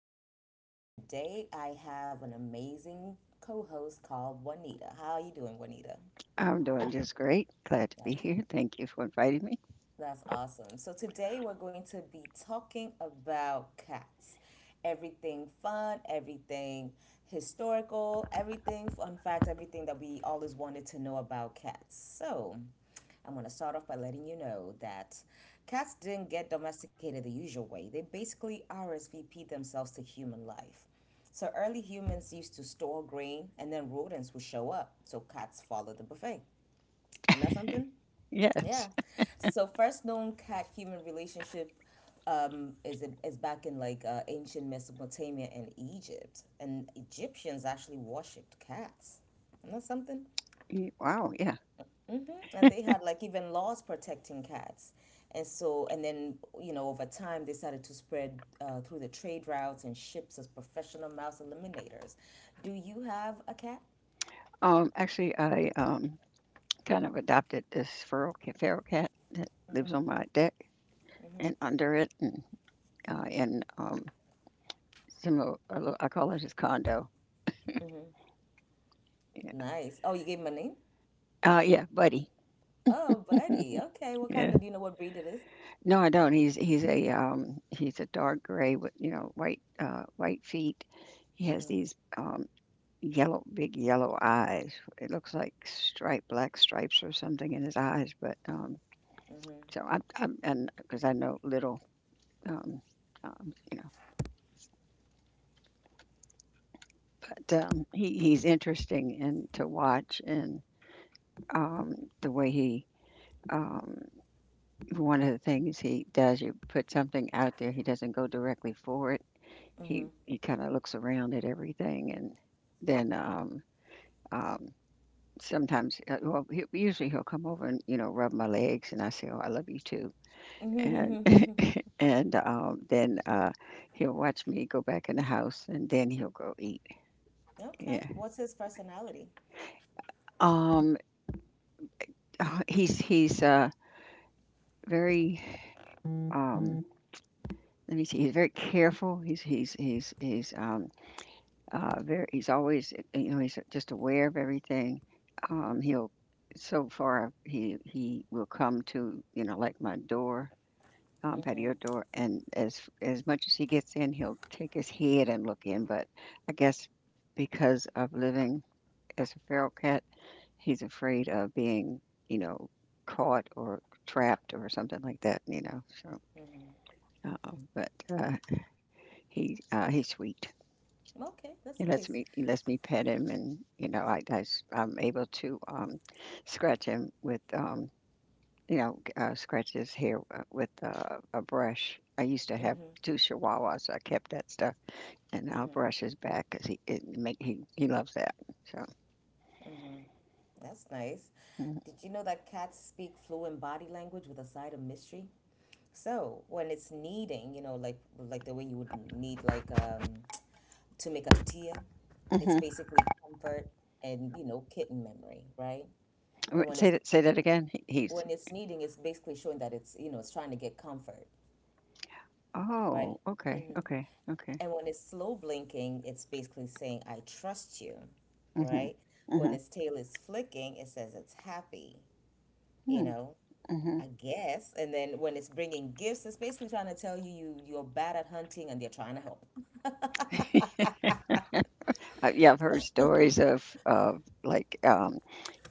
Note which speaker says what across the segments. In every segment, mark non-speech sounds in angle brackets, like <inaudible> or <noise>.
Speaker 1: Julie, and today I have an amazing co-host called Juanita. How are you doing, Juanita?
Speaker 2: I'm doing just great. Glad to be
Speaker 1: Yes.
Speaker 2: here. Thank you for inviting me.
Speaker 1: That's awesome. So today we're going to be talking about cats. Everything fun, everything historical, everything fun facts, everything that we always wanted to know about cats. So I'm going to start off by letting you know that cats didn't get domesticated the usual way. They basically RSVP themselves to human life. So early humans used to store grain and then rodents would show up. So cats followed the buffet. Isn't that something? Yeah.
Speaker 2: Yes. <laughs>
Speaker 1: So first known cat human relationship is back in like ancient Mesopotamia and Egypt, and Egyptians actually worshipped cats. Isn't that something?
Speaker 2: Wow. Yeah.
Speaker 1: And they had like even laws protecting cats. And so, and then, over time, they started to spread through the trade routes and ships as professional mouse eliminators. Do you have a cat?
Speaker 2: Actually, I kind of adopted this feral cat that lives on my deck and under it, and similar. I call it his condo. Yeah.
Speaker 1: Nice. Oh, you gave him a name?
Speaker 2: Yeah. Buddy.
Speaker 1: Oh, buddy. Okay. What
Speaker 2: Yeah.
Speaker 1: kind of, do you know what breed it is?
Speaker 2: No, I don't. He's a dark gray with white feet. He has these. Yellow big yellow eyes. It looks like stripe black stripes or something in his eyes, but, so I'm and 'cause I know little, um, um, you know, he's interesting and to watch, and, the way he, um one of the things he does, you put something out there, he doesn't go directly for it. He kinda looks around at everything, and then, um sometimes, well, usually he'll come over and rub my legs, and I say, "Oh, I love you too," and <laughs> and then he'll watch me go back in the house, and then he'll go eat.
Speaker 1: Okay.
Speaker 2: Yeah.
Speaker 1: What's his personality?
Speaker 2: Um, he's very um. Let me see. He's very careful. He's very. He's always he's just aware of everything. He'll so far he will come to like my door, patio door, and as much as he gets in, he'll take his head and look in. But I guess because of living as a feral cat, he's afraid of being, you know, caught or trapped or something like that. So, but, he's sweet.
Speaker 1: Okay, that's
Speaker 2: He lets
Speaker 1: nice.
Speaker 2: me he lets me pet him, and I am able to scratch him with scratch his hair with a brush. I used to have two chihuahuas, so I kept that stuff, and I'll brush his back because he it make he loves that. So.
Speaker 1: That's nice.
Speaker 2: Mhm.
Speaker 1: Did you know that cats speak fluent body language with a side of mystery? So when it's kneading, you know, like the way you would need like to make a tortilla, it's
Speaker 2: Hmm.
Speaker 1: basically comfort and kitten memory, right? And
Speaker 2: Wait,
Speaker 1: when
Speaker 2: say
Speaker 1: it's
Speaker 2: that say that again. He- He's
Speaker 1: when it's kneading, it's basically showing that it's you know it's trying to get comfort, right?
Speaker 2: Oh, okay, okay, okay.
Speaker 1: And when it's slow blinking, it's basically saying, I trust you,
Speaker 2: Hmm.
Speaker 1: right? When
Speaker 2: Hmm.
Speaker 1: its tail is flicking, it says it's happy, you
Speaker 2: Hmm.
Speaker 1: know,
Speaker 2: Hmm.
Speaker 1: I guess. And then when it's bringing gifts, it's basically trying to tell you, you're bad at hunting and they're trying to help.
Speaker 2: Yeah, I've heard stories of like, um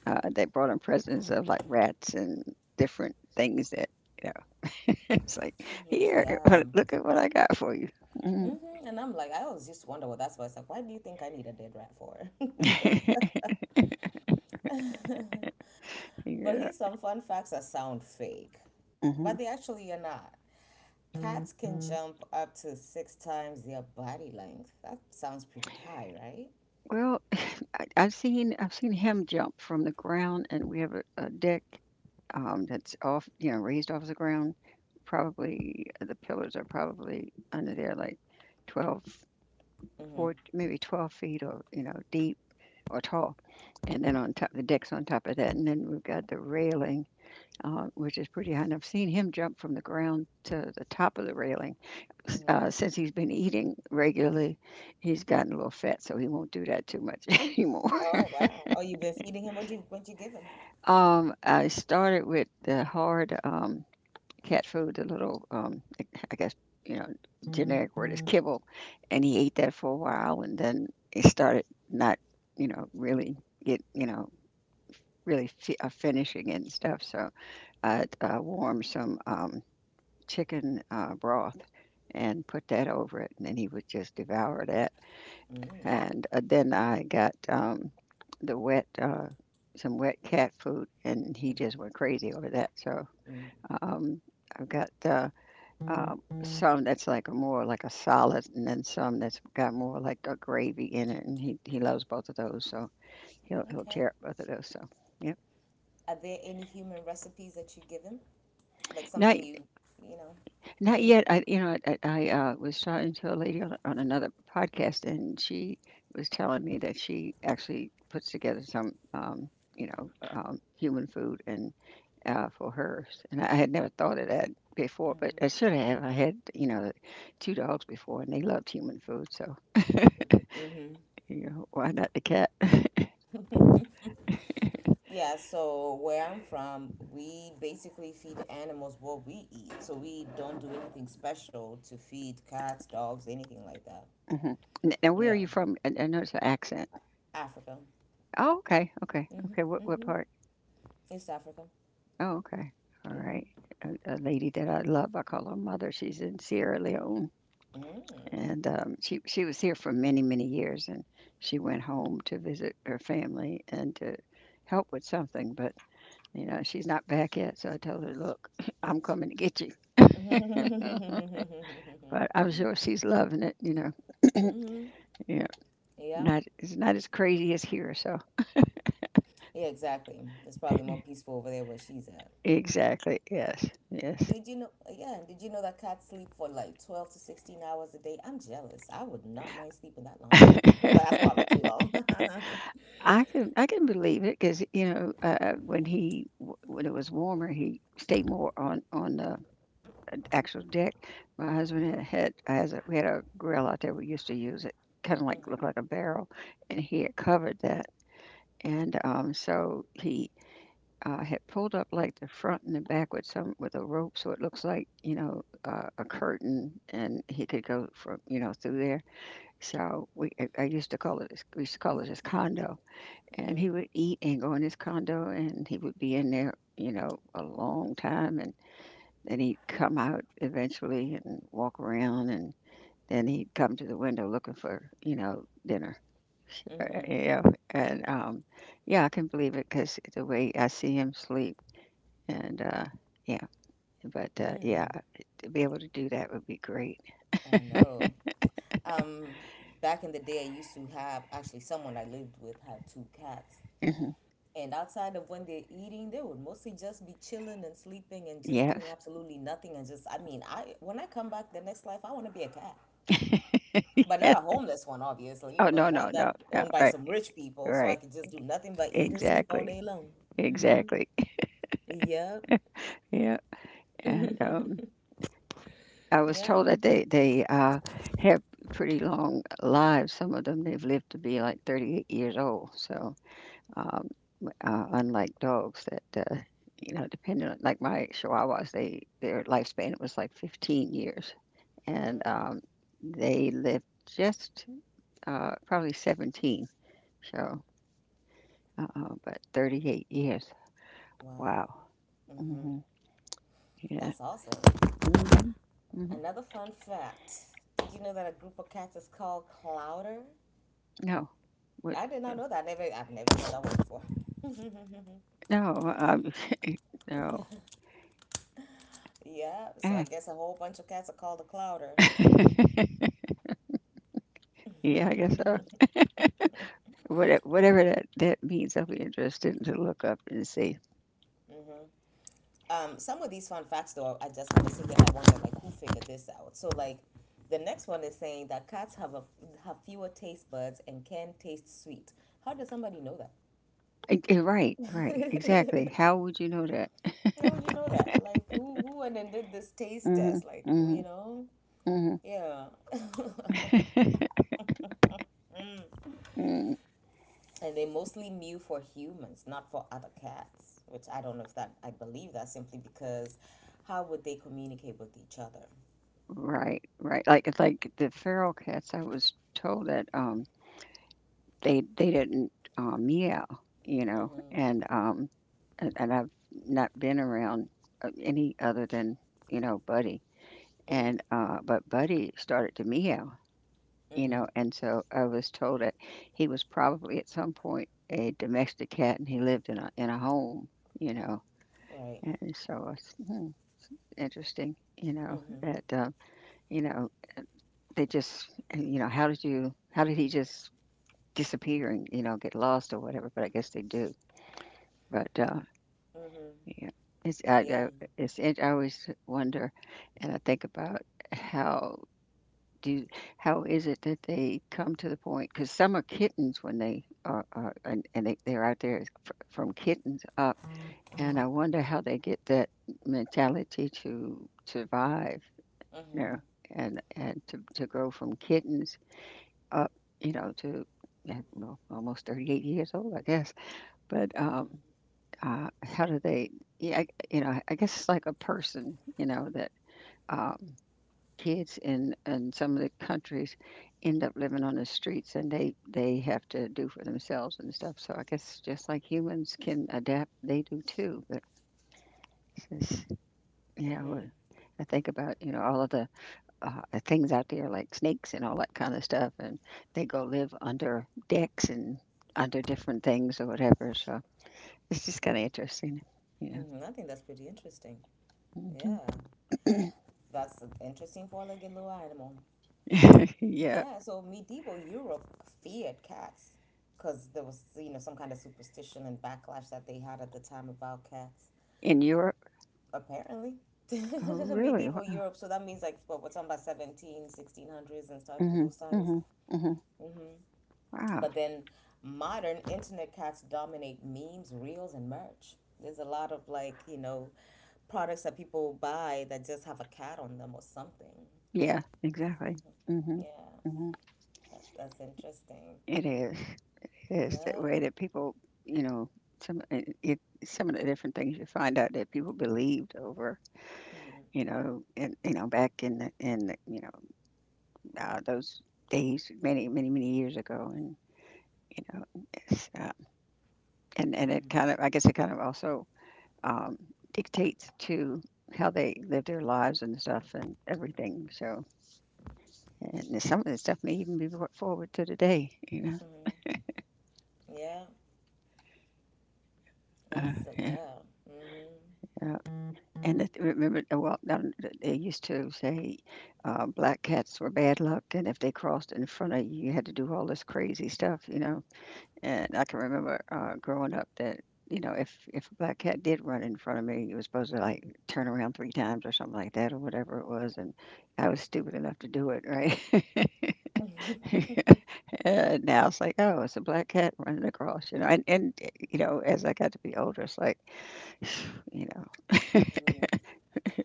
Speaker 2: uh, they brought in presents of like rats and different things that, you <laughs> it's like, "Here,"
Speaker 1: Yeah.
Speaker 2: <laughs> "look at what I got for you." Mm-hmm.
Speaker 1: And I'm like, I always used to wonder what that's why. It's like, why do you think I need a dead rat for?
Speaker 2: <laughs>
Speaker 1: <laughs> But
Speaker 2: Yeah.
Speaker 1: here's some fun facts that sound fake, but they
Speaker 2: Mhm.
Speaker 1: actually are not. Cats can jump up to six times their body length. That sounds pretty high, right?
Speaker 2: Well, <laughs> I've seen him jump from the ground, and we have a deck, that's off, raised off the ground. Probably the pillars are probably under there like 12,
Speaker 1: Mm-hmm.
Speaker 2: four, maybe 12 feet, or, deep or tall. And then on top, the deck's on top of that. And then we've got the railing, which is pretty high. And I've seen him jump from the ground to the top of the railing since he's been eating regularly, he's gotten a little fat, so he won't do that too much <laughs> anymore.
Speaker 1: Oh wow. Oh, you've been feeding him. What you give him?
Speaker 2: I started with the hard, cat food, the little, I guess, you know, generic word is kibble, and he ate that for a while, and then he started not, really get, finishing it and stuff. So I warmed some, chicken broth, and put that over it, and then he would just devour that. And then I got, the wet, uh, some wet cat food, and he just went crazy over that. So, um, I've got, some that's like a more like a solid, and then some that's got more like a gravy in it, and he loves both of those. So he'll
Speaker 1: Okay.
Speaker 2: tear up both of those. So yeah.
Speaker 1: Are there any human recipes that you give him? Like
Speaker 2: Now
Speaker 1: something you, you know,
Speaker 2: Not
Speaker 1: made?
Speaker 2: yet. I, you know, I was talking to a lady on another podcast, and she was telling me that she actually puts together some, human food, and for hers. And I had never thought of that before, but I should have. I had, two dogs before, and they loved human food, so, why not the cat? <laughs> Hmm.
Speaker 1: Yeah, so where I'm from, we basically feed animals what we eat. So we don't do anything special to feed cats, dogs, anything like that.
Speaker 2: Now, where are
Speaker 1: Yeah.
Speaker 2: you from? I noticed the accent.
Speaker 1: Africa.
Speaker 2: Oh, okay, okay, okay. What part?
Speaker 1: East Africa.
Speaker 2: Oh, okay. All right. A lady that I love, I call her mother. She's in Sierra Leone, and she was here for many many years, and she went home to visit her family and to help with something. But, she's not back yet, so I told her, "Look, <laughs> I'm coming to get you." <laughs> But
Speaker 1: <laughs>
Speaker 2: I'm sure she's loving it. Yeah,
Speaker 1: Yeah.
Speaker 2: not it's not as crazy as here. So,
Speaker 1: Yeah, exactly. It's probably more
Speaker 2: <laughs>
Speaker 1: peaceful over there where she's at.
Speaker 2: exactly, yes, yes.
Speaker 1: Did you know? Yeah, did you know that cats sleep for like 12 to 16 hours a day? I'm jealous. I would not mind sleeping that long. <laughs> Well, that's probably too long.
Speaker 2: <laughs>
Speaker 1: <laughs>
Speaker 2: I can believe it because, when it was warmer, he stayed more on the actual deck. My husband had a grill out there. We used to use it, kind of like looked like a barrel, and he had covered that. And, so he, had pulled up like the front and the back with some with a rope, so it looks like, a curtain, and he could go from, through there. So we I used to call it his condo, and he would eat and go in his condo, and he would be in there, a long time, and then he'd come out eventually and walk around, and then he'd come to the window looking for, dinner.
Speaker 1: hmm
Speaker 2: You know and Yeah, I can believe it because the way I see him sleep. And yeah, but yeah, to be able to do that would be great.
Speaker 1: I know. Um, Back in the day, I used to have actually someone I lived with had two cats.
Speaker 2: Hmm.
Speaker 1: And outside of when they're eating, they would mostly just be chilling and sleeping and just doing
Speaker 2: Yes.
Speaker 1: absolutely nothing. And just, I mean, I when I come back the next life, I want to be a cat. But not a
Speaker 2: <laughs>
Speaker 1: homeless one, obviously,
Speaker 2: Oh,
Speaker 1: but
Speaker 2: no, no,
Speaker 1: one
Speaker 2: no,
Speaker 1: that
Speaker 2: no.
Speaker 1: owned by
Speaker 2: Right,
Speaker 1: some rich people, so I
Speaker 2: right.
Speaker 1: could just do nothing but eat and sleep all
Speaker 2: Exactly,
Speaker 1: day long.
Speaker 2: exactly. <laughs>
Speaker 1: Yep.
Speaker 2: Yeah. And I was
Speaker 1: Yeah.
Speaker 2: told that they have pretty long lives. Some of them they've lived to be like 38 years old. So, um, unlike dogs that, depending on like my Chihuahuas, they their lifespan was like 15 years, and they lived just, probably 17. So, but 38 years. Wow.
Speaker 1: Wow.
Speaker 2: Hmm. Yeah.
Speaker 1: That's awesome.
Speaker 2: Hmm. Hmm.
Speaker 1: Another fun fact. Did you know that a group of cats is called clouder?
Speaker 2: No. What?
Speaker 1: I did not know that. I've never heard that one before.
Speaker 2: No. <laughs> No.
Speaker 1: Yeah, so I guess a whole bunch of cats are called a clouder.
Speaker 2: <laughs> Yeah, I guess so. Whatever that means, I'll be interested to look up and see.
Speaker 1: Some of these fun facts, though, I just want to say here I wonder, like, who figured this out? So, like, the next one is saying that cats have a have fewer taste buds and can taste sweet. How does somebody know that?
Speaker 2: Right, right, exactly. How would you know that? <laughs>
Speaker 1: How would you know that? Like, who went and did this taste
Speaker 2: Hmm.
Speaker 1: test? Like,
Speaker 2: Hmm.
Speaker 1: you know,
Speaker 2: Hmm.
Speaker 1: yeah. <laughs>
Speaker 2: <laughs> Mm.
Speaker 1: And they mostly mew for humans, not for other cats. Which I don't know if that I believe that simply because how would they communicate with each other?
Speaker 2: Right, right. Like, it's like the feral cats. I was told that they didn't meow, you know,
Speaker 1: Mm-hmm.
Speaker 2: and um and I've not been around any other than, Buddy,
Speaker 1: Mm-hmm.
Speaker 2: and but Buddy started to meow.
Speaker 1: Mm-hmm.
Speaker 2: And so I was told that he was probably at some point a domestic cat and he lived in a home, you know.
Speaker 1: Right.
Speaker 2: And so it's, interesting,
Speaker 1: Mm-hmm.
Speaker 2: that, you know, they just. And, how did he just disappear, and, get lost or whatever, but I guess they do. But
Speaker 1: Mm-hmm.
Speaker 2: yeah. It's
Speaker 1: Yeah.
Speaker 2: I it's I always wonder, and I think about how do how is it that they come to the point, because some are kittens when they are and they, they're out there, from kittens up, and I wonder how they get that mentality to survive, you
Speaker 1: Mm-hmm.
Speaker 2: know and to grow from kittens up, to, well, almost 38 years old, I guess. But,
Speaker 1: Mm-hmm.
Speaker 2: how do they yeah. I, you know I guess it's like a person, that, um kids in some of the countries end up living on the streets, and they have to do for themselves and stuff, so I guess just like humans can adapt, they do too. But it's just, yeah, well,
Speaker 1: Mm-hmm.
Speaker 2: I think about, all of the, things out there like snakes and all that kind of stuff, and they go live under decks and under different things or whatever, so it's just kind of interesting. Yeah.
Speaker 1: Mm-hmm. I think that's pretty interesting.
Speaker 2: Hmm.
Speaker 1: Yeah,
Speaker 2: <coughs>
Speaker 1: that's interesting for like a little animal.
Speaker 2: <laughs> Yeah.
Speaker 1: Yeah, so medieval Europe feared cats because there was, you know, some kind of superstition and backlash that they had at the time about cats.
Speaker 2: In Europe?
Speaker 1: Apparently,
Speaker 2: Oh,
Speaker 1: <laughs>
Speaker 2: really?
Speaker 1: medieval
Speaker 2: Wow.
Speaker 1: Europe. So that means like what we're talking about seventeen, sixteen hundreds and stuff,
Speaker 2: Hmm.
Speaker 1: those times.
Speaker 2: Hmm. Hmm. Wow.
Speaker 1: But then modern internet cats dominate memes, reels, and merch. There's a lot of like, you know, products that people buy that just have a cat on them or something.
Speaker 2: Yeah, exactly. Mhm,
Speaker 1: Yeah,
Speaker 2: mhm.
Speaker 1: that's interesting.
Speaker 2: It is, it is that
Speaker 1: Yeah.
Speaker 2: way that people, you know, some it it some of the different things you find out that people believed over,
Speaker 1: Mm-hmm.
Speaker 2: back in the those days many, many, many years ago and, you know, it's, uh, and
Speaker 1: Mm-hmm.
Speaker 2: it kind of, I guess, it kind of also, um, dictates to how they live their lives and stuff and everything. So, and some of the stuff may even be brought forward to today,
Speaker 1: Mm-hmm. Yeah. That's
Speaker 2: uh,
Speaker 1: yeah. Mm-hmm.
Speaker 2: yeah. And it, remember, they used to say black cats were bad luck, and if they crossed in front of you, you had to do all this crazy stuff, you know. And I can remember growing up that, you know, if a black cat did run in front of me, you were supposed to like turn around three times or something like that, or whatever it was. And I was stupid enough to do it, right? <laughs> And now it's like, oh, it's a black cat running across, you know. And you know, as I got to be older, it's like, <sighs> you know.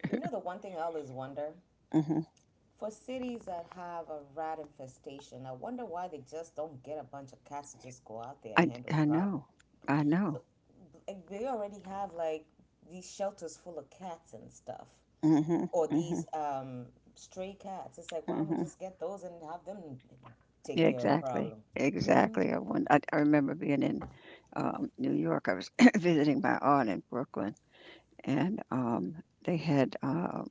Speaker 1: You know the one thing I always wonder
Speaker 2: Hmm.
Speaker 1: for cities that have a rat infestation, I wonder why they just don't get a bunch of cats to just go out there and handle the
Speaker 2: I
Speaker 1: problem.
Speaker 2: know. I
Speaker 1: So
Speaker 2: know.
Speaker 1: like, they already have like these shelters full of cats and stuff,
Speaker 2: Mhm,
Speaker 1: or
Speaker 2: mhm,
Speaker 1: these stray cats. It's like why don't we
Speaker 2: mhm.
Speaker 1: just get those and have them take
Speaker 2: Yeah,
Speaker 1: care of the
Speaker 2: exactly,
Speaker 1: problem? Mm-hmm.
Speaker 2: exactly. I won I remember being in, New York. I was <coughs> <clears throat> visiting my aunt in Brooklyn, and, they had,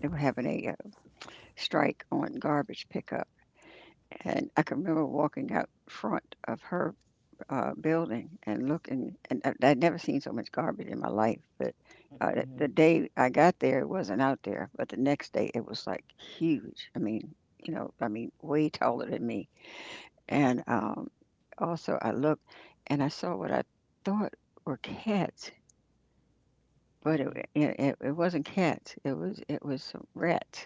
Speaker 2: they were having a, strike on garbage pickup, and I can remember walking out front of her building and looking, and I'd never seen so much garbage in my life. But
Speaker 1: Mm-hmm.
Speaker 2: the day I got there, it wasn't out there. But the next day, it was like huge. I mean, you know, I mean, way taller than me. And also, I looked and I saw what I thought were cats, but it wasn't cats. It was some rats,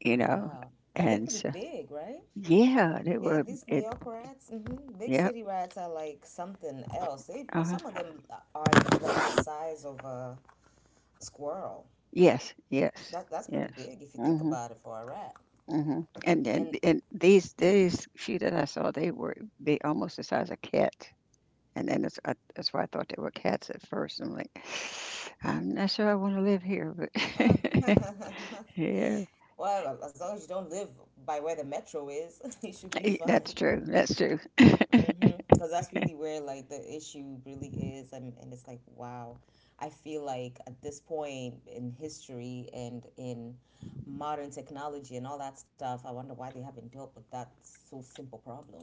Speaker 2: you know.
Speaker 1: Wow. And they're
Speaker 2: And
Speaker 1: pretty
Speaker 2: so,
Speaker 1: big, right?
Speaker 2: yeah, they
Speaker 1: Yeah,
Speaker 2: were.
Speaker 1: these New
Speaker 2: It,
Speaker 1: York rats, big
Speaker 2: yep.
Speaker 1: city rats are like something else. They
Speaker 2: Uh,
Speaker 1: some of them are like the size of a squirrel.
Speaker 2: yes. Yes.
Speaker 1: That's pretty
Speaker 2: Yes.
Speaker 1: big if you think
Speaker 2: Hmm.
Speaker 1: about it for a rat.
Speaker 2: Mhm, and and
Speaker 1: And
Speaker 2: and these few that I saw, they were they almost the size of cat, and then that's I that's why I thought they were cats at first. I'm like, <sighs> I'm not sure I want to live here, but
Speaker 1: uh,
Speaker 2: <laughs>
Speaker 1: <laughs>
Speaker 2: yeah.
Speaker 1: Well, as long as you don't live by where the metro is, <laughs> you should be
Speaker 2: E-
Speaker 1: fine.
Speaker 2: that's true. That's true. <laughs>
Speaker 1: Mm-hmm. Because that's really where like the issue really is, and it's like wow, I feel like at this point in history and in modern technology and all that stuff, I wonder why they haven't dealt with that so simple problem.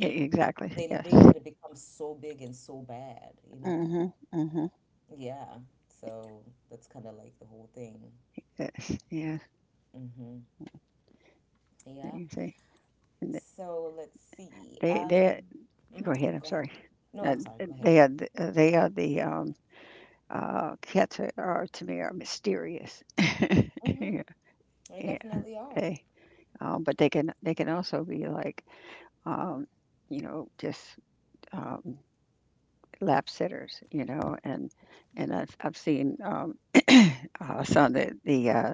Speaker 2: E- exactly.
Speaker 1: But they
Speaker 2: Yes.
Speaker 1: they let it become so big and so bad, you know?
Speaker 2: Mhm. Mhm.
Speaker 1: Yeah. So that's kind of like the whole thing.
Speaker 2: Yes. Yes.
Speaker 1: Mm-hmm.
Speaker 2: There
Speaker 1: Yeah.
Speaker 2: You see, and th-
Speaker 1: So let's see.
Speaker 2: they go
Speaker 1: Mhm.
Speaker 2: ahead. I'm
Speaker 1: Go ahead.
Speaker 2: sorry.
Speaker 1: No, I'm sorry. Go ahead.
Speaker 2: They are the cats are to me, are mysterious. <laughs>
Speaker 1: Mm-hmm.
Speaker 2: Yeah.
Speaker 1: They
Speaker 2: Yeah.
Speaker 1: definitely are.
Speaker 2: They. But they can also be like, um, you know, just um, lap sitters, you know. And I've seen <clears throat> some of the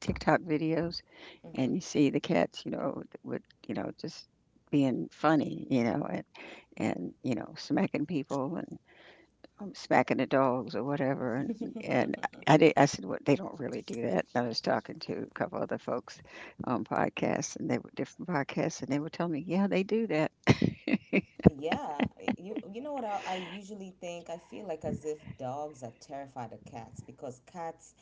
Speaker 2: TikTok videos,
Speaker 1: Mm-hmm.
Speaker 2: and you see the cats, you know, with, you know, just being funny, you know, and you know, smacking people, smacking the dogs or whatever. And
Speaker 1: <laughs>
Speaker 2: and I did. I said, "What? They don't really do that." And I was talking to a couple other folks on podcasts, and they were different podcasts, and they were telling me, "Yeah, they do that." <laughs>
Speaker 1: Yeah. You know what I usually think? I feel like as if dogs are terrified of cats because cats,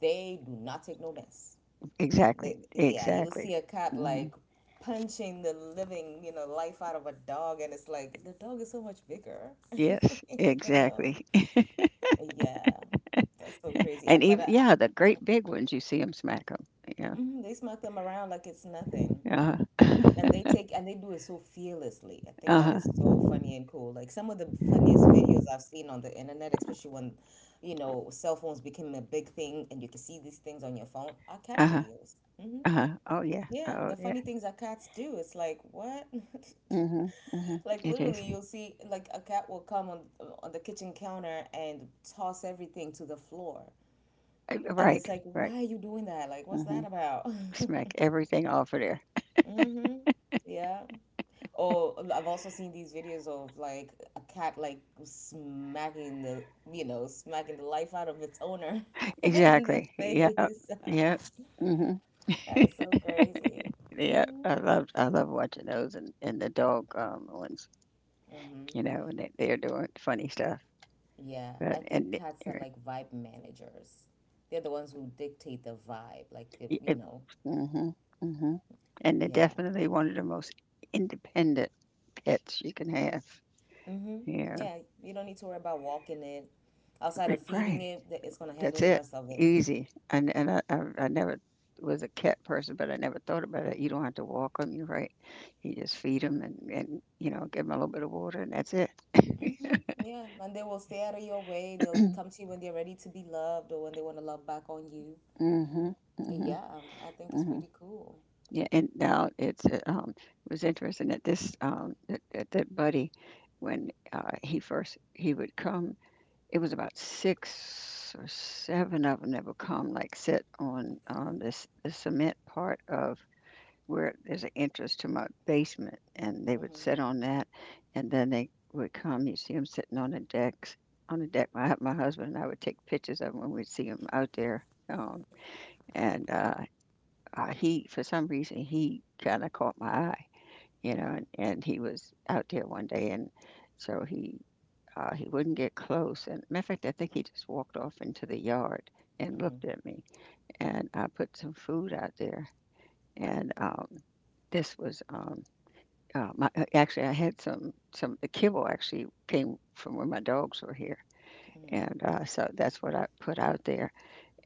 Speaker 1: they do not take no mess.
Speaker 2: Exactly.
Speaker 1: They, yeah, you'll
Speaker 2: Exactly.
Speaker 1: see a cat
Speaker 2: Mhm.
Speaker 1: like punching the living, you know, life out of a dog, and it's like the dog is so much bigger. <laughs>
Speaker 2: Yes.
Speaker 1: You know?
Speaker 2: Exactly.
Speaker 1: Yeah. That's so
Speaker 2: <laughs>
Speaker 1: crazy. I-
Speaker 2: And
Speaker 1: But
Speaker 2: even,
Speaker 1: I
Speaker 2: yeah, the great big ones, you see them smack them. Yeah.
Speaker 1: hmm They smack them around like it's nothing.
Speaker 2: Uh huh.
Speaker 1: And they
Speaker 2: <laughs>
Speaker 1: take and they do it so fearlessly. I think
Speaker 2: Uh
Speaker 1: that
Speaker 2: huh.
Speaker 1: is so funny and cool. Like some of the funniest videos I've seen on the internet, especially when, you know, cell phones became a big thing and you can see these things on your phone, are cat
Speaker 2: Uh huh. <laughs>
Speaker 1: videos.
Speaker 2: Uh-huh. Oh yeah.
Speaker 1: Yeah,
Speaker 2: Oh
Speaker 1: the
Speaker 2: yeah.
Speaker 1: funny things that cats do. It's like, what? <laughs>
Speaker 2: Mhm. Mhm.
Speaker 1: Like
Speaker 2: It is.
Speaker 1: literally you'll see like a cat will come on the kitchen counter and toss everything to the floor. And it's
Speaker 2: Right.
Speaker 1: like,
Speaker 2: Right.
Speaker 1: why are you doing that? Like, what's that
Speaker 2: Mhm.
Speaker 1: about? <laughs>
Speaker 2: Smack everything off of there.
Speaker 1: Mm-hmm. Yeah. Oh, I've also seen these videos of like a cat like smacking the, you know, smacking the life out of its owner <laughs> in the
Speaker 2: Exactly. Yep.
Speaker 1: face.
Speaker 2: Yep.
Speaker 1: <laughs>
Speaker 2: Mhm.
Speaker 1: That is so crazy.
Speaker 2: Yep. I love watching those and the dog ones,
Speaker 1: Hmm.
Speaker 2: you know, and they, they're doing funny stuff.
Speaker 1: Yeah,
Speaker 2: But
Speaker 1: I think
Speaker 2: and it,
Speaker 1: cats are like vibe managers. They're the ones who dictate the vibe, like,
Speaker 2: it, it mhm. Mhm. And they're
Speaker 1: yeah.
Speaker 2: definitely one of the most independent pets you can have.
Speaker 1: Hmm.
Speaker 2: Yeah.
Speaker 1: Yeah, you don't need to worry about walking it. Outside
Speaker 2: Ri-
Speaker 1: of feeding
Speaker 2: right.
Speaker 1: it, it's gonna
Speaker 2: That's
Speaker 1: handle the
Speaker 2: it.
Speaker 1: rest of it.
Speaker 2: Easy. And I never was a cat person, but I never thought about it. You don't have to walk them. You right. You just feed them and, you know, give them a little bit of water, and that's it.
Speaker 1: Hmm. Yeah, and they will stay out of your way. They'll come to you when they're ready to be loved or when they want to love back on you.
Speaker 2: Mm-hmm. Mm-hmm.
Speaker 1: Yeah, I think it's
Speaker 2: Mm-hmm.
Speaker 1: pretty cool.
Speaker 2: Yeah, and now it's it was interesting that this that buddy, when he would come, it was about six or seven of them that would come, like sit on this the cement part of where there's an entrance to my basement, and they would
Speaker 1: Mm-hmm.
Speaker 2: sit on that, and then they would come. You see them sitting on the decks. On the deck, my husband and I would take pictures of 'em when we'd see them out there. And he, for some reason, he kinda caught my eye, you know.
Speaker 1: Mm-hmm.
Speaker 2: And he was out there one day, and so he wouldn't get close, and matter of fact, I think he just walked off into the yard and looked at me, and I put some food out there, and, this was, my actually, I had some the kibble actually came from where my dogs were here,
Speaker 1: Mm-hmm.
Speaker 2: and, so that's what I put out there,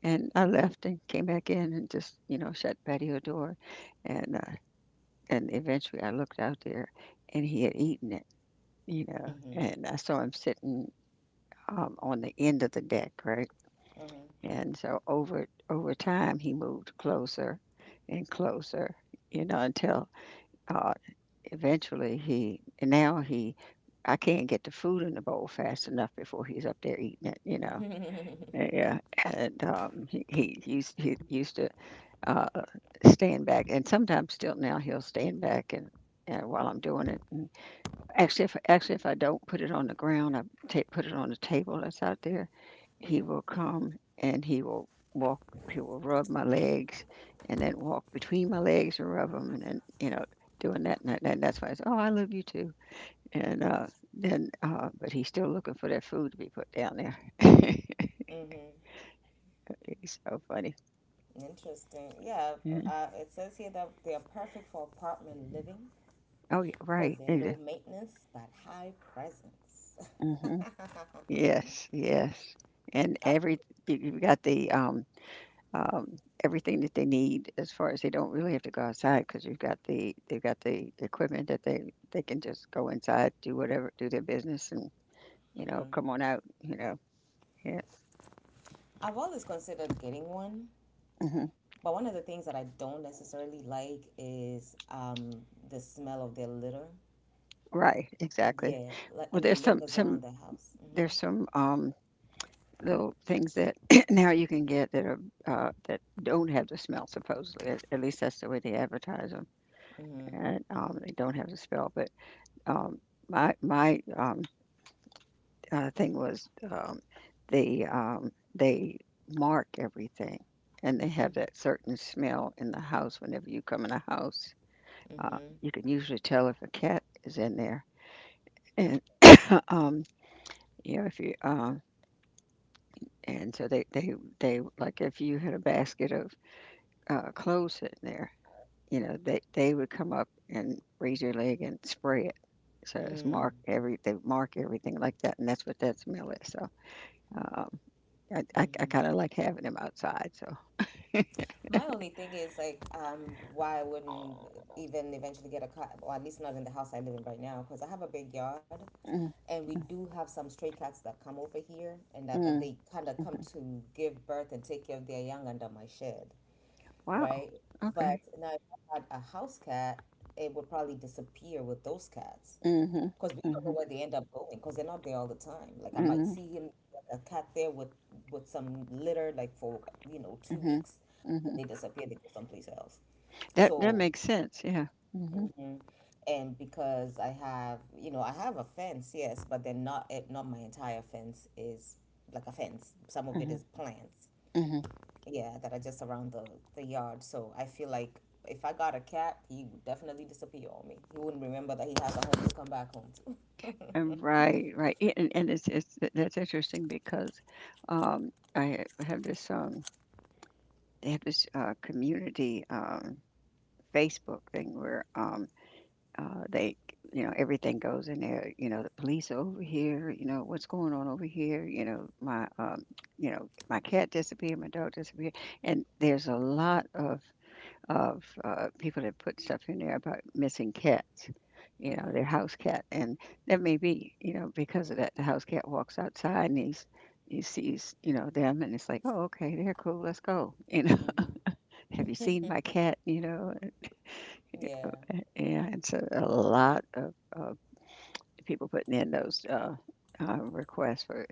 Speaker 2: and I left and came back in and just, you know, shut patio door, and, uh, and eventually I looked out there and he had eaten it, you know.
Speaker 1: Mm-hmm.
Speaker 2: And I saw him sitting, on the end of the deck, right? And so over time he moved closer and closer, you know, until, uh, eventually he and now he I can't get the food in the bowl fast enough before he's up there eating it, you know.
Speaker 1: Mm-hmm. <laughs>
Speaker 2: Yeah, and he used to uh, stand back, and sometimes still now he'll stand back, and while I'm doing it. And actually, if I don't put it on the ground, I ta put it on the table that's out there, he will come and he will rub my legs and then walk between my legs and rub them and then, you know, doing that and that, and that's why I say, "Oh, I love you too." And, uh, but he's still looking for that food to be put down there. <laughs>
Speaker 1: Mm-hmm.
Speaker 2: He's so funny.
Speaker 1: Interesting. Yeah,
Speaker 2: Mhm.
Speaker 1: it says here that they are perfect for apartment living
Speaker 2: Oh, yeah, right,
Speaker 1: because they're
Speaker 2: exa,
Speaker 1: low maintenance but high presence. <laughs>
Speaker 2: mhm. Yes, yes. And
Speaker 1: I've,
Speaker 2: every you you got the, um, everything that they need, as far as, they don't really have to go outside because you've got they've got the equipment that they can just go inside, do whatever, do their business, and, you know,
Speaker 1: hmm
Speaker 2: come on out, you know. Yeah.
Speaker 1: I've always considered getting one.
Speaker 2: Hmm.
Speaker 1: But one of the things that I don't necessarily like is the smell of their litter.
Speaker 2: Right. Exactly.
Speaker 1: Yeah, like
Speaker 2: Well,
Speaker 1: and it
Speaker 2: there's some
Speaker 1: lingers around
Speaker 2: some
Speaker 1: the house. Mm-hmm.
Speaker 2: there's some um, little things that <clears throat> now you can get that are, that don't have the smell, supposedly. At least that's the way they advertise them,
Speaker 1: Mm-hmm.
Speaker 2: and, they don't have the smell. But, um, my my thing was, they mark everything, and they have that certain smell in the house. Whenever you come in a house,
Speaker 1: Mm-hmm.
Speaker 2: you can usually tell if a cat is in there, and uh, um, you know if you and so they, like, if you had a basket of, clothes sitting there, you know, they would come up and raise your leg and spray it. So
Speaker 1: Mm.
Speaker 2: it's
Speaker 1: Mm-hmm.
Speaker 2: mark every, they mark everything like that, and that's what that smell is. So, um, I
Speaker 1: Mm-hmm.
Speaker 2: kind of like having him outside. So.
Speaker 1: My only thing is like, why I wouldn't even eventually get a cat, or at least not in the house I live in right now, because I have a big yard,
Speaker 2: Mm,
Speaker 1: and we do have some stray cats that come over here, and that
Speaker 2: mm,
Speaker 1: they kind of come
Speaker 2: mhm,
Speaker 1: to give birth and take care of their young under my shed.
Speaker 2: wow,
Speaker 1: Right? But
Speaker 2: okay,
Speaker 1: now, if I had a house cat, it would probably disappear with those cats
Speaker 2: mhm,
Speaker 1: because we don't know
Speaker 2: mhm,
Speaker 1: where they end up going because they're not there all the time. Like I might
Speaker 2: mhm,
Speaker 1: see him like a cat there with some litter like for two
Speaker 2: mhm,
Speaker 1: weeks, then
Speaker 2: mhm,
Speaker 1: they disappear. They go someplace else.
Speaker 2: that that
Speaker 1: So.
Speaker 2: makes sense. Yeah, mhm,
Speaker 1: Mhm. And because I have a fence, yes, but then not not my entire fence is like a fence. Some of it
Speaker 2: mhm,
Speaker 1: is plants,
Speaker 2: mhm.
Speaker 1: yeah that are just around the yard. So I feel like if I got a cat, he would definitely disappear on me. He wouldn't remember that he has a home to come back home to.
Speaker 2: And right, right. Yeah, and it's that's interesting because, have this they have this, community, Facebook thing where, they, you know, everything goes in there. You know, the police are over here. You know, what's going on over here? You know, my cat disappeared, my dog disappeared, and there's a lot of people that put stuff in there about missing cats. You know, their house cat, and that may be, you know, because of that, the house cat walks outside and he's, he sees, you know, them, and it's like, oh, okay, they're cool, let's go. <laughs>
Speaker 1: Mm-hmm.
Speaker 2: You know, have you seen my
Speaker 1: Mm-hmm.
Speaker 2: cat? You know.
Speaker 1: <laughs> Yeah.
Speaker 2: And so a lot of people putting in those, requests for,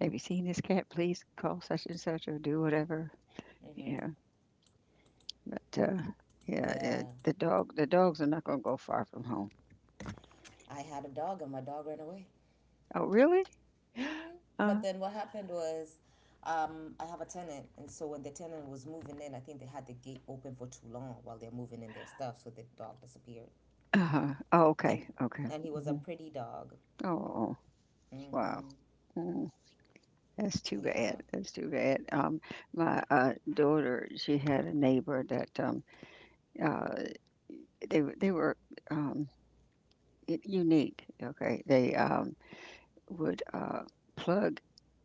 Speaker 2: have you seen this cat? Please call such and such or do whatever.
Speaker 1: Mm-hmm.
Speaker 2: Yeah, but, yeah, yeah,
Speaker 1: Yeah,
Speaker 2: the dog, the dogs are not going to go far from home.
Speaker 1: I had a dog and my dog ran away.
Speaker 2: Oh, really?
Speaker 1: Mm-hmm.
Speaker 2: Uh,
Speaker 1: But then what happened was, I have a tenant, and so when the tenant was moving in, I think they had the gate open for too long while they're moving in their stuff, so the dog disappeared.
Speaker 2: Oh, okay,
Speaker 1: And
Speaker 2: okay.
Speaker 1: and he was a
Speaker 2: Hmm.
Speaker 1: pretty dog.
Speaker 2: Oh, wow.
Speaker 1: Mm-hmm.
Speaker 2: Mm, that's too bad.
Speaker 1: Yeah.
Speaker 2: That's too bad. My, daughter, she had a neighbor that, uh, they were- they were, um, unique. Okay, they, would, plug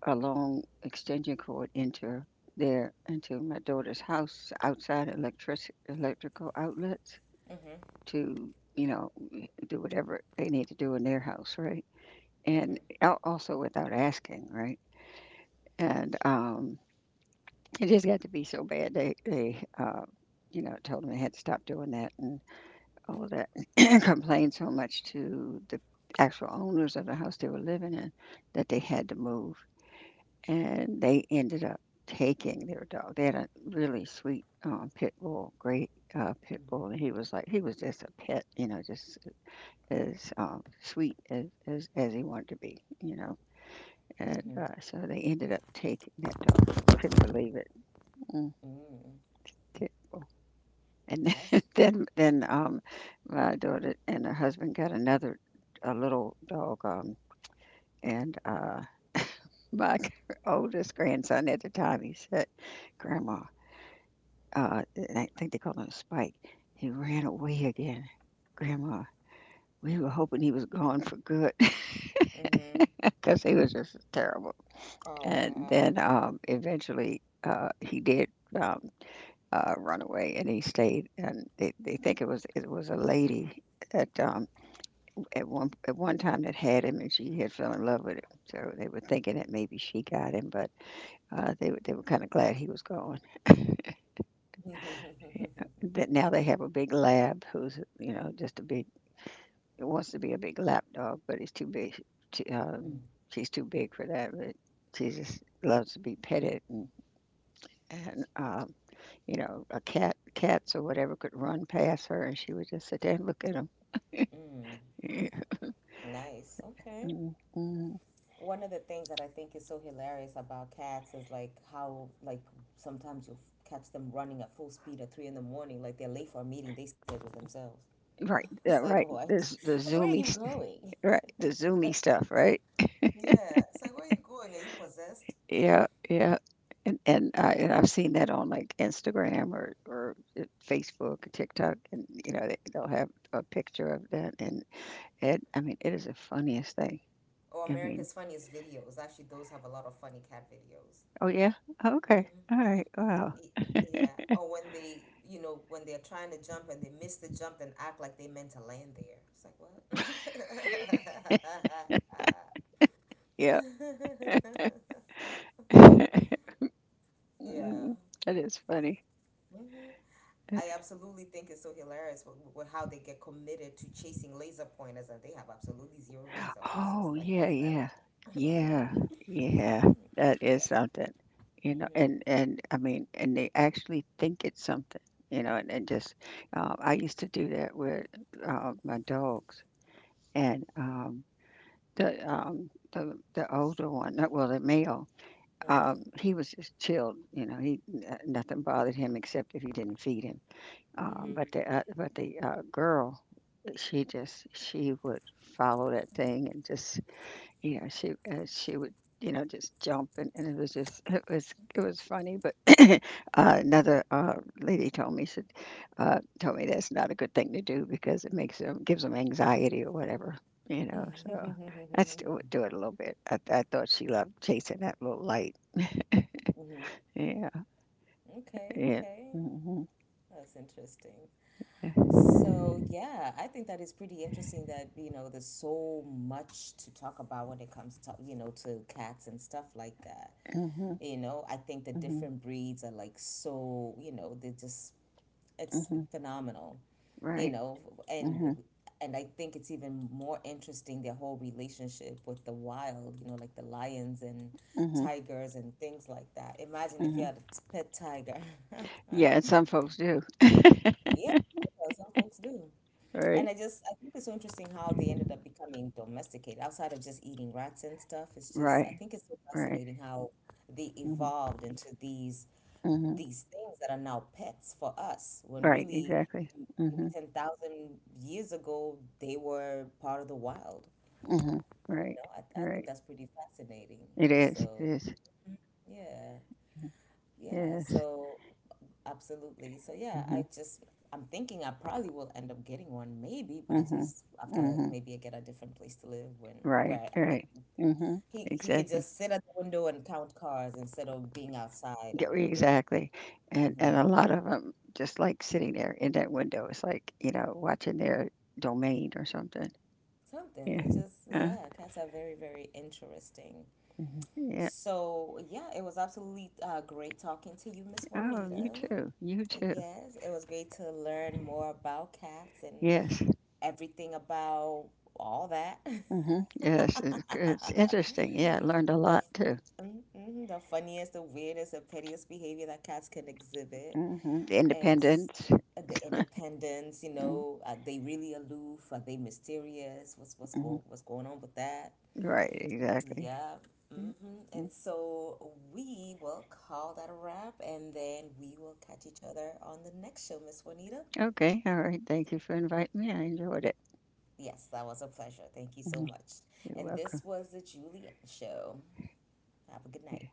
Speaker 2: a long extension cord into their into my daughter's house outside electrical outlets
Speaker 1: Mm-hmm.
Speaker 2: to, you know, do whatever they need to do in their house, right? And,
Speaker 1: Mm-hmm.
Speaker 2: al- also without asking, right? And, it just got to be so bad, they you know, told them they had to stop doing that and all of that, <clears throat> and complained so much to the actual owners of the house they were living in that they had to move, and they ended up taking their dog. They had a really sweet, pit bull, great, pit
Speaker 1: Mm-hmm.
Speaker 2: bull, and he was like, he was just a pet, you know, just as, sweet as, as he wanted to be, you know. And,
Speaker 1: Mm-hmm.
Speaker 2: so they ended up taking that dog. Couldn't believe it. Mm,
Speaker 1: Mm.
Speaker 2: terrible. And
Speaker 1: I see.
Speaker 2: <laughs> then my daughter and her husband got another a little dog, and my <laughs> oldest grandson at the time he said, "Grandma." And I think they called him Spike. He ran away again. Grandma, we were hoping he was gone for good <laughs>
Speaker 1: Mm-hmm.
Speaker 2: because he was just terrible.
Speaker 1: Oh,
Speaker 2: And
Speaker 1: wow.
Speaker 2: then eventually he did um, run away, and he stayed. And they think it was a lady at um, at one at one time that had him, and she had fell in love with him. So they were thinking that maybe she got him, but they were kind of glad he was gone.
Speaker 1: <laughs>
Speaker 2: That now they have a big lab who's, you know, just a big. It wants to be a big lap dog, but it's too big. She,
Speaker 1: Mm.
Speaker 2: um, she's too big for that. But she just loves to be petted, and, you know, cats or whatever could run past her, and she would just sit there and look at them.
Speaker 1: Nice. Okay.
Speaker 2: Mm-hmm.
Speaker 1: One of the things that I think is so hilarious about cats is like how, like sometimes you'll catch them running at full speed at three in the morning, like they're late for a meeting they scheduled themselves. <laughs>
Speaker 2: Right,
Speaker 1: It's
Speaker 2: yeah,
Speaker 1: like,
Speaker 2: right.
Speaker 1: what?
Speaker 2: This the
Speaker 1: <laughs> Like, where are you
Speaker 2: zoomy, st-
Speaker 1: going?
Speaker 2: <laughs> right? The zoomy stuff, right?
Speaker 1: <laughs> Yeah, it's like, where are you going? Are you possessed?
Speaker 2: Yeah, yeah. And I've seen that on like Instagram or Facebook TikTok, and you know they'll have a picture of that, and it is the funniest thing.
Speaker 1: Or
Speaker 2: I mean,
Speaker 1: America's Funniest Videos. Actually, those have a lot of funny cat videos.
Speaker 2: oh, yeah? Okay. Alright, wow.
Speaker 1: Yeah, or when they, you know, when they're trying to jump and they miss the jump and act like they meant to land there. It's like, what? <laughs>
Speaker 2: Yeah. <laughs>
Speaker 1: Yeah.
Speaker 2: Mm, that is funny.
Speaker 1: Hmm.
Speaker 2: Uh,
Speaker 1: I absolutely think it's so hilarious with how they get committed to chasing laser pointers and they have absolutely zero results. It's
Speaker 2: oh,
Speaker 1: like,
Speaker 2: yeah,
Speaker 1: what's that
Speaker 2: yeah.
Speaker 1: about? <laughs>
Speaker 2: Yeah, yeah. That
Speaker 1: Yeah.
Speaker 2: is something, you know,
Speaker 1: Mm-hmm.
Speaker 2: and I mean, and they actually think it's something, you know, and just I used to do that with my dogs and the older one, well, the male.
Speaker 1: Mm-hmm.
Speaker 2: He was just chilled, you know. Nothing bothered him except if you didn't feed him. Uh,
Speaker 1: Mm-hmm.
Speaker 2: but the uh, but the uh, girl, she would follow that thing and just, you know, she would, you know, just jump, and it was just it was funny. But <coughs> <clears throat> another lady told me, said, told me that's not a good thing to do because it makes them gives them anxiety or whatever, you know. So
Speaker 1: <laughs>
Speaker 2: I still would do it a little bit. I thought she loved chasing that little light.
Speaker 1: Mm-hmm.
Speaker 2: Yeah.
Speaker 1: Okay,
Speaker 2: Yeah.
Speaker 1: okay.
Speaker 2: Mhm.
Speaker 1: That's interesting.
Speaker 2: Yeah.
Speaker 1: So, yeah, I think that is pretty interesting that, you know, there's so much to talk about when it comes to, you know, to cats and stuff like that.
Speaker 2: Mhm.
Speaker 1: You know, I think the
Speaker 2: Mhm.
Speaker 1: different breeds are like, so, you know, they're just, it's
Speaker 2: Mhm.
Speaker 1: phenomenal, you
Speaker 2: Right.
Speaker 1: know, and
Speaker 2: Mhm.
Speaker 1: and I think it's even more interesting their whole relationship with the wild, you know, like the lions and
Speaker 2: Mhm.
Speaker 1: tigers and things like that. Imagine if you
Speaker 2: Mhm.
Speaker 1: had a pet tiger.
Speaker 2: Yeah, and
Speaker 1: <laughs>
Speaker 2: some folks do.
Speaker 1: Yeah, some folks do.
Speaker 2: Right.
Speaker 1: And I just, I think it's so interesting how they ended up becoming domesticated outside of just eating rats and stuff. It's just, I
Speaker 2: Right.
Speaker 1: think it's so
Speaker 2: Right.
Speaker 1: fascinating how they
Speaker 2: Mhm.
Speaker 1: evolved into
Speaker 2: Mhm.
Speaker 1: these things that are now pets for us, when
Speaker 2: Right.
Speaker 1: really
Speaker 2: Exactly.
Speaker 1: maybe
Speaker 2: Mhm.
Speaker 1: 10,000 years ago they were part of the wild.
Speaker 2: Mhm.
Speaker 1: You
Speaker 2: Right.
Speaker 1: know, I think
Speaker 2: Right.
Speaker 1: that's pretty fascinating.
Speaker 2: It is. It
Speaker 1: So,
Speaker 2: is.
Speaker 1: yeah, yeah.
Speaker 2: Yes.
Speaker 1: So, absolutely. So yeah,
Speaker 2: Mhm.
Speaker 1: I just, I'm thinking I probably will end up getting one, maybe, but I
Speaker 2: Mhm.
Speaker 1: just, after
Speaker 2: Mhm.
Speaker 1: maybe I get a different place to live, when,
Speaker 2: Right.
Speaker 1: where
Speaker 2: Right. Mhm.
Speaker 1: he could
Speaker 2: Exactly.
Speaker 1: just sit at the window and count cars instead of being outside
Speaker 2: Yeah,
Speaker 1: and get
Speaker 2: exactly. And
Speaker 1: hmm
Speaker 2: a lot of them just like sitting there in that window. It's like, you know, watching their domain or something.
Speaker 1: something.
Speaker 2: Yeah.
Speaker 1: They just,
Speaker 2: Uh,
Speaker 1: yeah, cats are very, very interesting.
Speaker 2: mhm, yeah.
Speaker 1: So, yeah, it was absolutely great talking to you, Miss
Speaker 2: Oh,
Speaker 1: Juanita.
Speaker 2: you too. You too.
Speaker 1: Yes, it was great to learn more about cats and
Speaker 2: Yes.
Speaker 1: everything about all that. <laughs>
Speaker 2: Hmm. Yes. It's interesting. Yeah. I learned a
Speaker 1: The
Speaker 2: lot too.
Speaker 1: mhm, the funniest, the weirdest, the pettiest behavior that cats can exhibit,
Speaker 2: Hmm.
Speaker 1: and
Speaker 2: Independence.
Speaker 1: the independence. You know, are they really aloof? Are they mysterious? What's what's
Speaker 2: Mm-hmm.
Speaker 1: going what's going on with that?
Speaker 2: Right. Exactly.
Speaker 1: Yeah.
Speaker 2: Mm,
Speaker 1: Hmm. And
Speaker 2: mm.
Speaker 1: so we will call that a wrap, and then we will catch each other on the next show, Miss Juanita.
Speaker 2: Okay. All right. Thank you for inviting me. I enjoyed it.
Speaker 1: Yes, that was a pleasure. Thank you so
Speaker 2: Mhm.
Speaker 1: much.
Speaker 2: You're
Speaker 1: And this
Speaker 2: welcome.
Speaker 1: was the Julian Show. Have a good night.